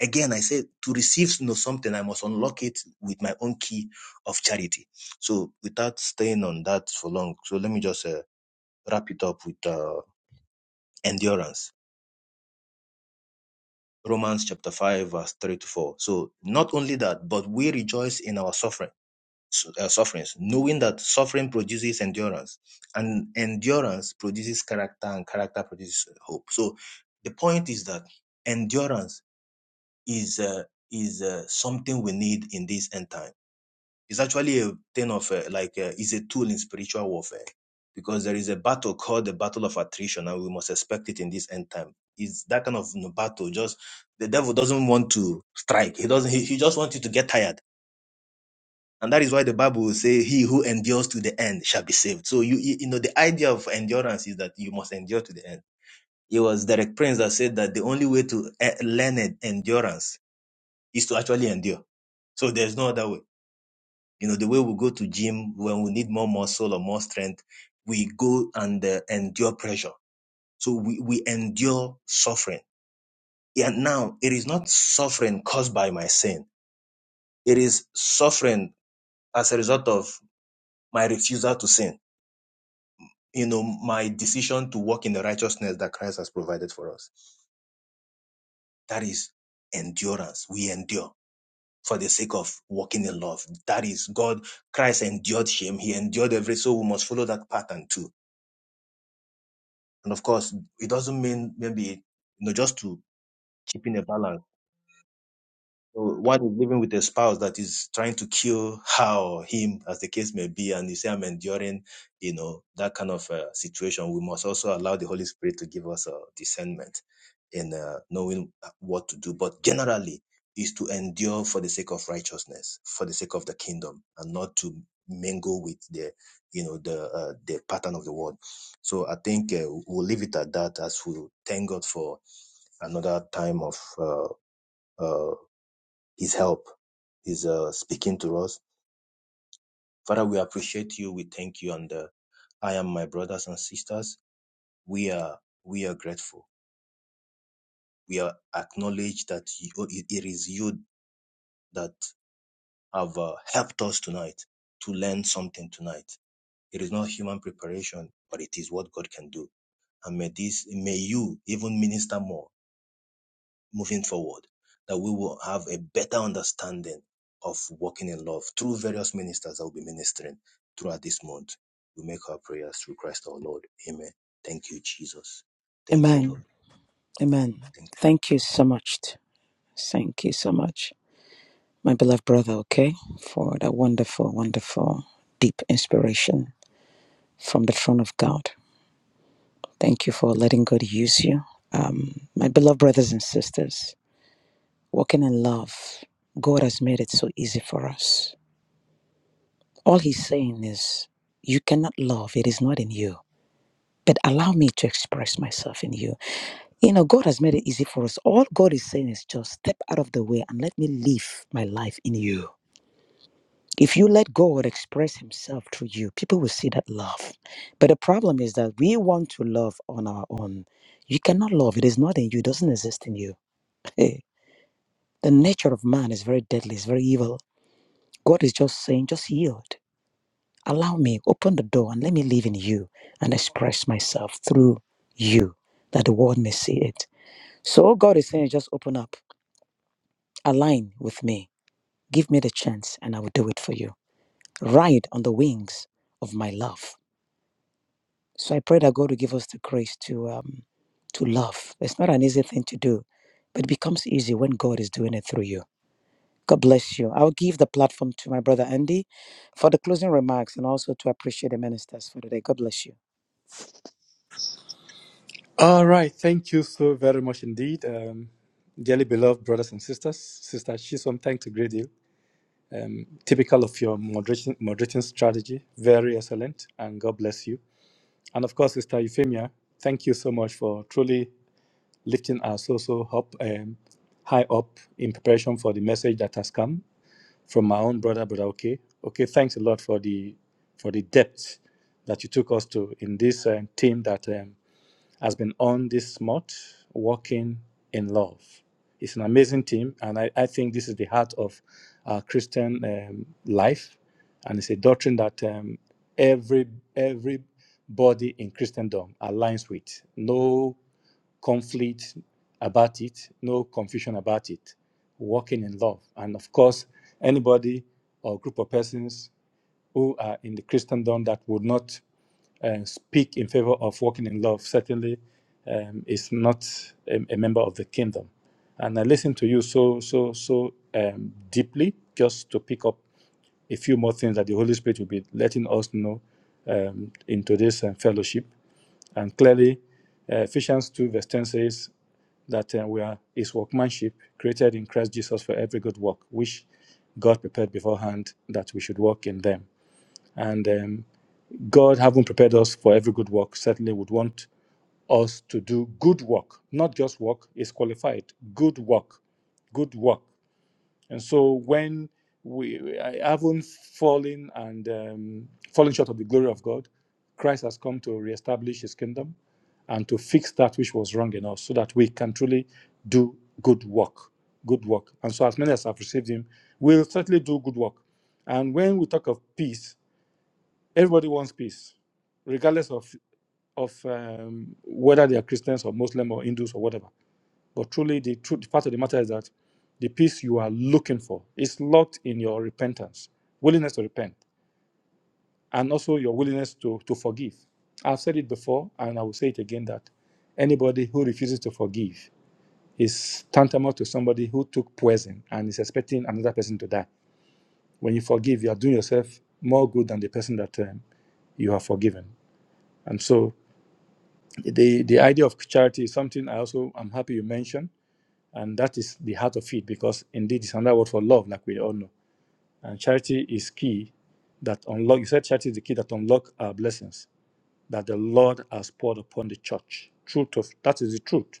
Speaker 4: again, I said to receive you know, something, I must unlock it with my own key of charity. So without staying on that for long, so let me just uh, wrap it up with. uh, endurance. Romans chapter 5, verse 3 to 4. So, not only that, but we rejoice in our suffering, uh, sufferings, knowing that suffering produces endurance, and endurance produces character, and character produces hope. So, the point is that endurance is uh, is uh, something we need in this end time It's actually a thing of uh, like uh, it's a tool in spiritual warfare because there is a battle called the battle of attrition, and we must expect it in this end time. It's that kind of you know, battle. Just the devil doesn't want to strike. He doesn't. He, he just wants you to get tired, and that is why the Bible will say, "He who endures to the end shall be saved." So you you you know the idea of endurance is that you must endure to the end. It was Derek Prince that said that the only way to eh, learn en- endurance is to actually endure. So there's no other way. You know, the way we go to gym when we need more muscle or more strength, we go and uh, endure pressure. So we, we endure suffering. And now it is not suffering caused by my sin. It is suffering as a result of my refusal to sin. You know, my decision to walk in the righteousness that Christ has provided for us. That is endurance. We endure for the sake of walking in love. That is God. Christ endured shame. He endured every. So we must follow that pattern too And of course, it doesn't mean maybe you know just to keep in a balance. So one is living with a spouse that is trying to kill her or him, as the case may be, and you say, I'm enduring, you know, that kind of uh, situation. We must also allow the Holy Spirit to give us a discernment in uh, knowing uh, what to do. But generally, is to endure for the sake of righteousness, for the sake of the kingdom, and not to mingle with the, you know, the uh, the pattern of the world. So I think uh, we'll leave it at that as we thank God for another time of. Uh, uh, his help. His uh, speaking to us. Father, we appreciate you. We thank you. And uh, I am my brothers and sisters. We are we are grateful. We are acknowledge that you, it it is you that have uh, helped us tonight to learn something tonight. It is not human preparation, but it is what God can do. And may this may you even minister more moving forward, that we will have a better understanding of walking in love through various ministers that will be ministering throughout this month. We make our prayers through Christ our Lord. Amen. Thank you, Jesus. Thank you,
Speaker 3: Amen.
Speaker 4: Lord.
Speaker 3: Amen.
Speaker 4: Thank
Speaker 3: Thank you so much. t- Thank you so much, my beloved brother, okay, for that wonderful, wonderful, deep inspiration from the throne of God. Thank you for letting God use you. Um, my beloved brothers and sisters, walking in love. God has made it so easy for us. All He's saying is, you cannot love, it is not in you. But allow me to express myself in you. You know, God has made it easy for us. All God is saying is just step out of the way and let me live my life in you. If you let God express Himself through you, people will see that love. But the problem is that we want to love on our own. You cannot love, it is not in you, it doesn't exist in you. the nature of man is very deadly, it's very evil. God is just saying, just yield. Allow me, open the door and let me live in you and express myself through you that the world may see it. So all God is saying, is just open up, align with me, give me the chance, and I will do it for you. Ride on the wings of my love. So I pray that God will give us the grace to um, to love. It's not an easy thing to do, but it becomes easy when God is doing it through you. God bless you. I'll give the platform to my brother Andy for the closing remarks and also to appreciate the ministers for today. God bless you.
Speaker 6: All right. Thank you so very much indeed. Um, dearly beloved brothers and sisters, Sister Chisholm, thank to greet you. Um, typical of your moderation, moderating strategy, very excellent, and God bless you. And of course, Sister Euphemia, thank you so much for truly lifting our so so up um, high up in preparation for the message that has come from my own brother, brother. Okay, okay. Thanks a lot for the for the depth that you took us to in this um, theme that. Um, has been on this month, Walking in Love. It's an amazing team, and I, I think this is the heart of our Christian um, life, and it's a doctrine that um, every everybody in Christendom aligns with. No conflict about it, no confusion about it, walking in love. And of course, anybody or group of persons who are in the Christendom that would not uh, speak in favor of walking in love certainly um, is not a, a member of the kingdom. And I listened to you so so so um, deeply just to pick up a few more things that the Holy Spirit will be letting us know um, in today's uh, fellowship. And clearly, uh, Ephesians two verse ten says that uh, we are His workmanship, created in Christ Jesus for every good work, which God prepared beforehand that we should walk in them. And um, God, having prepared us for every good work, certainly would want us to do good work, not just work, is qualified. Good work, good work. And so when we I haven't fallen and um, fallen short of the glory of God, Christ has come to reestablish his kingdom and to fix that which was wrong in us so that we can truly do good work. Good work. And so, as many as have received him, will certainly do good work. And when we talk of peace, Everybody wants peace, regardless of of um, whether they are Christians or Muslim or Hindus or whatever. But truly, the truth, the fact of the matter is that the peace you are looking for is locked in your repentance, willingness to repent, and also your willingness to to forgive. I've said it before, and I will say it again that anybody who refuses to forgive is tantamount to somebody who took poison and is expecting another person to die. When you forgive, you are doing yourself more good than the person that um, you have forgiven. And so the the idea of charity is something I also I'm happy you mentioned, and that is the heart of it because indeed it's another word for love, like we all know. And charity is key that unlock. You said charity is the key that unlock our blessings that the Lord has poured upon the church. Truth of that is the truth.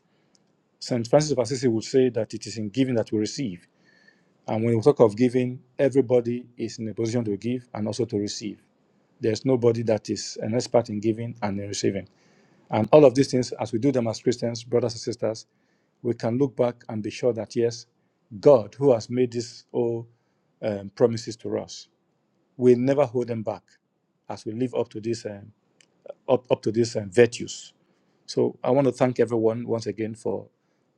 Speaker 6: Saint Francis of Assisi would say that it is in giving that we receive. And when we talk of giving, everybody is in a position to give and also to receive. There's nobody that is an expert in giving and in receiving. And all of these things, as we do them as Christians, brothers and sisters, we can look back and be sure that yes, God, who has made these all um, promises to us, will never hold them back as we live up to this um, up, up to these um, virtues. So I want to thank everyone once again for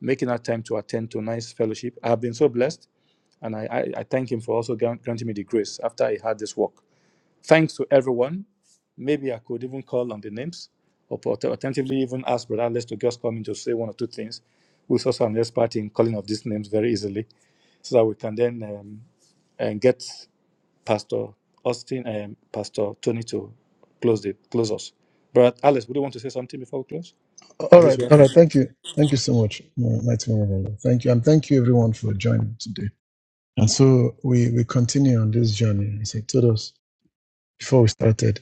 Speaker 6: making our time to attend tonight's fellowship. I've been so blessed, and I, I, I thank Him for also gran- granting me the grace after I had this walk. Thanks to everyone. Maybe I could even call on the names, or pot- alternatively, even ask Brother Alex to just come in to say one or two things. We're also an expert in calling of these names very easily, so that we can then um, and get Pastor Austin and Pastor Tony to close the close us. But Alice, would you want to say something before we close?
Speaker 1: All
Speaker 6: At least
Speaker 1: right.
Speaker 6: we have.
Speaker 1: All right.
Speaker 6: to-
Speaker 1: Thank you. Thank you so much, my- mighty man of Allah. Thank you. And thank you, everyone, for joining today. And so we, we continue on this journey. As I told us before we started,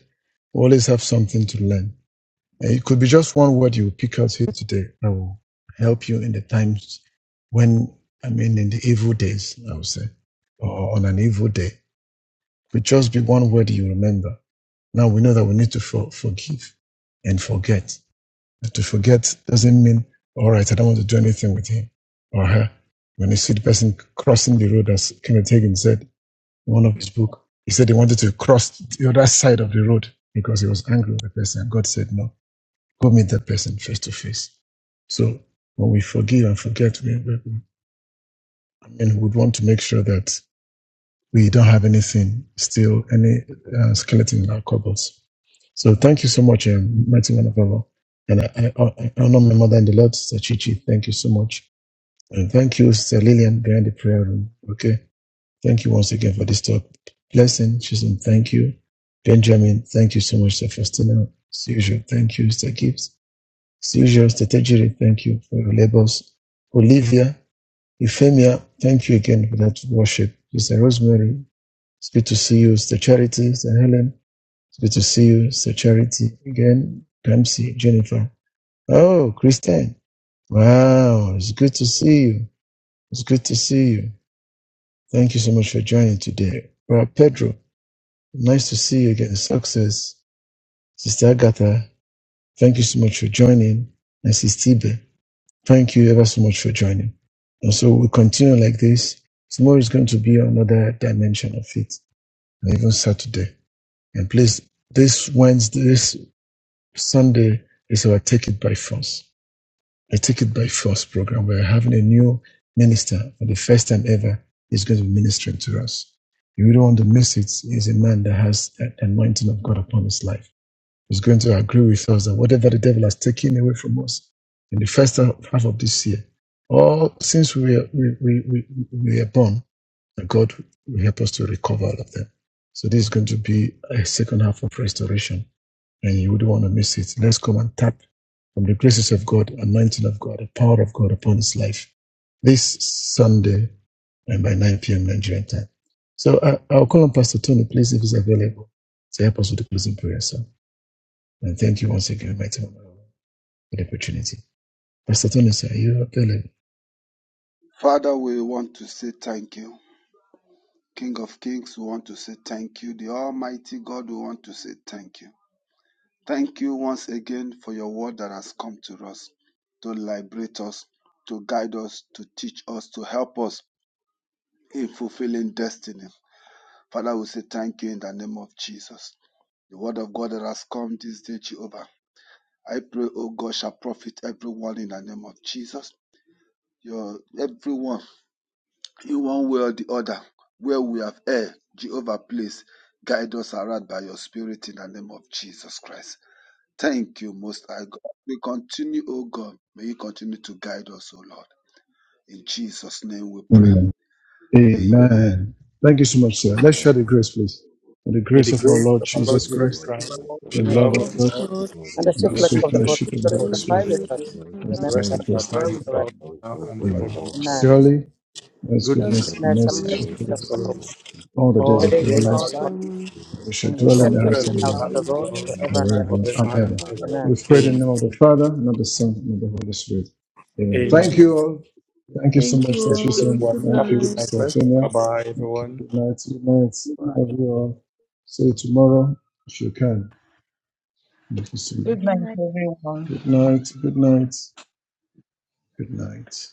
Speaker 1: we always have something to learn. And it could be just one word you pick out here today that will help you in the times when, I mean, in the evil days, I would say, or on an evil day. It could just be one word you remember. Now we know that we need to for, forgive and forget. And to forget doesn't mean, all right, I don't want to do anything with him or her. When you see the person crossing the road, as Kenneth Hagin said in one of his book, he said he wanted to cross the other side of the road because he was angry with the person. God said no Go meet that person face to face. So when we forgive and forget, we, we, I mean, we would want to make sure that we don't have anything still, any uh, skeleton in our cupboards. So thank you so much, um, mighty man of Allah. And I, I, I honor my mother and the Lord, Sister Chichi. Thank you so much. And thank you, Sister Lillian, behind the prayer room. Okay. Thank you once again for this talk. Blessing, Chisholm, thank you. Benjamin, thank you so much, Sir Faustina. As usual, thank you, Sister Gibbs. Seizure Strategy, thank you for your labors. Olivia, Euphemia, thank you again for that worship. Sister Rosemary, it's good to see you. Sister Charity, Sister Helen, it's good to see you. Sister Charity, again, Ramsey, Jennifer. Oh, Christine, wow, it's good to see you. It's good to see you. Thank you so much for joining today. Brother Pedro, nice to see you again. Success. Sister Agatha, thank you so much for joining. And Sister Tibe. Thank you ever so much for joining. And so we'll continue like this. Tomorrow is going to be another dimension of it, and even Saturday. And please, this Wednesday, this Sunday is our Take It By Force. A Take It By Force program. We're having a new minister for the first time ever. He's going to be ministering to us. You don't want to miss it. He's a man that has that anointing of God upon his life is going to agree with us that whatever the devil has taken away from us in the first half of this year, all since we are, we, we, we, we are born, God will help us to recover all of them. So this is going to be a second half of restoration, and you wouldn't want to miss it. Let's come and tap from the graces of God, anointing of God, the power of God upon his life this Sunday and by 9 p.m. Nigerian time. So I, I'll call on Pastor Tony, please, if he's available, to help us with the closing prayer, sir. And thank you once again, mighty woman, of God, for the opportunity. Pastor Tony, sir, are you available?
Speaker 7: Father, we want to say thank you. King of Kings, we want to say thank you. The Almighty God, we want to say thank you. Thank you once again for your word that has come to us to liberate us, to guide us, to teach us, to help us in fulfilling destiny. Father, we say thank you in the name of Jesus. The word of God that has come this day, Jehovah. I pray, O God, shall profit everyone in the name of Jesus. Your everyone in one way or the other, where we have erred, Jehovah, please guide us around by your spirit in the name of Jesus Christ. Thank you, Most High God. We continue, O God. May you continue to guide us, O Lord. In Jesus' name we pray.
Speaker 1: Amen.
Speaker 7: Amen.
Speaker 1: Amen. Thank you so much,
Speaker 4: you.
Speaker 1: sir. Let's share the
Speaker 4: Amen.
Speaker 1: grace, please. For the
Speaker 6: May the
Speaker 1: grace of our
Speaker 6: grace
Speaker 1: Lord
Speaker 6: of our
Speaker 8: The
Speaker 4: Praise
Speaker 6: Lord
Speaker 1: Jesus
Speaker 4: the
Speaker 6: Jesus
Speaker 8: fruit
Speaker 1: Christ,
Speaker 4: Lord be
Speaker 8: for
Speaker 6: Christ,
Speaker 4: with
Speaker 8: our
Speaker 4: you.
Speaker 6: the
Speaker 1: the love
Speaker 3: Another-
Speaker 6: love
Speaker 1: of
Speaker 2: Oh
Speaker 8: lives
Speaker 6: of
Speaker 1: God,
Speaker 6: God,
Speaker 4: Love
Speaker 2: God,
Speaker 4: you,
Speaker 3: And the
Speaker 4: Lord.
Speaker 1: and
Speaker 3: swift
Speaker 6: and
Speaker 1: the
Speaker 2: we
Speaker 6: the
Speaker 3: flesh
Speaker 2: should
Speaker 1: sweet
Speaker 6: sweet
Speaker 3: of the
Speaker 2: thank
Speaker 6: fellowship
Speaker 3: Holy
Speaker 2: you
Speaker 1: fellowship
Speaker 4: We
Speaker 6: of
Speaker 1: of the
Speaker 6: the
Speaker 2: for
Speaker 4: thank
Speaker 3: Spirit
Speaker 1: Holy
Speaker 6: Holy
Speaker 2: those
Speaker 4: you, the
Speaker 1: Spirit,
Speaker 2: who
Speaker 3: abide
Speaker 6: Spirit
Speaker 4: Holy
Speaker 2: you
Speaker 3: with
Speaker 8: is
Speaker 3: us.
Speaker 4: Spirit.
Speaker 2: have
Speaker 3: And
Speaker 1: rest and
Speaker 2: allowed
Speaker 3: remember
Speaker 2: us
Speaker 1: abide
Speaker 3: that
Speaker 6: rest
Speaker 1: with
Speaker 6: and
Speaker 1: us now
Speaker 6: abide
Speaker 8: very
Speaker 6: with
Speaker 3: forever.
Speaker 1: forever.
Speaker 6: us now
Speaker 4: Now and
Speaker 6: and
Speaker 1: Amen.
Speaker 4: forevermore.
Speaker 6: forevermore.
Speaker 3: Amen.
Speaker 6: Amen.
Speaker 4: Amen.
Speaker 8: good.
Speaker 1: Surely, God's
Speaker 3: God's
Speaker 4: Good
Speaker 6: goodness
Speaker 4: night.
Speaker 1: goodness and
Speaker 3: Goodness
Speaker 2: just to
Speaker 3: and
Speaker 1: mercy
Speaker 8: Going
Speaker 2: miss
Speaker 1: shall
Speaker 2: the
Speaker 3: mercy
Speaker 1: follow
Speaker 3: shall
Speaker 1: us
Speaker 6: for
Speaker 3: follow us
Speaker 2: people.
Speaker 6: us
Speaker 1: all the
Speaker 6: all
Speaker 1: days
Speaker 3: the
Speaker 1: of
Speaker 6: the
Speaker 3: days
Speaker 1: our
Speaker 3: of
Speaker 2: thank
Speaker 6: days
Speaker 2: you
Speaker 8: all
Speaker 3: our
Speaker 6: of our
Speaker 1: lives.
Speaker 8: the
Speaker 2: for
Speaker 3: life,
Speaker 8: way,
Speaker 6: life.
Speaker 2: us.
Speaker 4: Amen.
Speaker 1: We shall
Speaker 3: and
Speaker 6: We
Speaker 3: we
Speaker 1: dwell
Speaker 4: Now
Speaker 3: shall
Speaker 6: shall
Speaker 1: in
Speaker 4: we
Speaker 1: the
Speaker 2: Thank
Speaker 4: can
Speaker 3: dwell
Speaker 6: dwell
Speaker 3: in
Speaker 1: house of
Speaker 3: the
Speaker 2: you.
Speaker 6: in
Speaker 1: the
Speaker 4: go
Speaker 6: the
Speaker 3: house
Speaker 1: Lord.
Speaker 8: and
Speaker 3: of
Speaker 6: house
Speaker 3: the
Speaker 4: into our
Speaker 6: of the
Speaker 3: Lord
Speaker 6: Lord
Speaker 2: everything.
Speaker 3: forever and ever.
Speaker 1: forever and
Speaker 6: forever and
Speaker 1: ever.
Speaker 4: Amen.
Speaker 6: ever.
Speaker 1: We
Speaker 3: Amen.
Speaker 1: pray in the
Speaker 6: Amen.
Speaker 1: name of
Speaker 4: Amen.
Speaker 1: the Father, and of the Son, and of the Holy Spirit. Amen.
Speaker 2: Amen.
Speaker 1: Thank
Speaker 6: Amen.
Speaker 1: you all. Thank you so
Speaker 2: Thank you
Speaker 1: much,
Speaker 6: Bless you,
Speaker 2: all.
Speaker 1: Sashisun.
Speaker 2: Good
Speaker 6: everyone. Have
Speaker 1: Thank
Speaker 6: a good
Speaker 1: you,
Speaker 2: night.
Speaker 6: night, first. Bye
Speaker 1: Stephania.
Speaker 6: bye,
Speaker 4: Amen.
Speaker 1: Thank you.
Speaker 6: everyone.
Speaker 1: Good night. Good night. Love you all. See you tomorrow if you can. Thank you so
Speaker 9: Good
Speaker 10: Good
Speaker 1: much.
Speaker 10: night.
Speaker 9: night, everyone.
Speaker 1: Good night. Good night. Good night.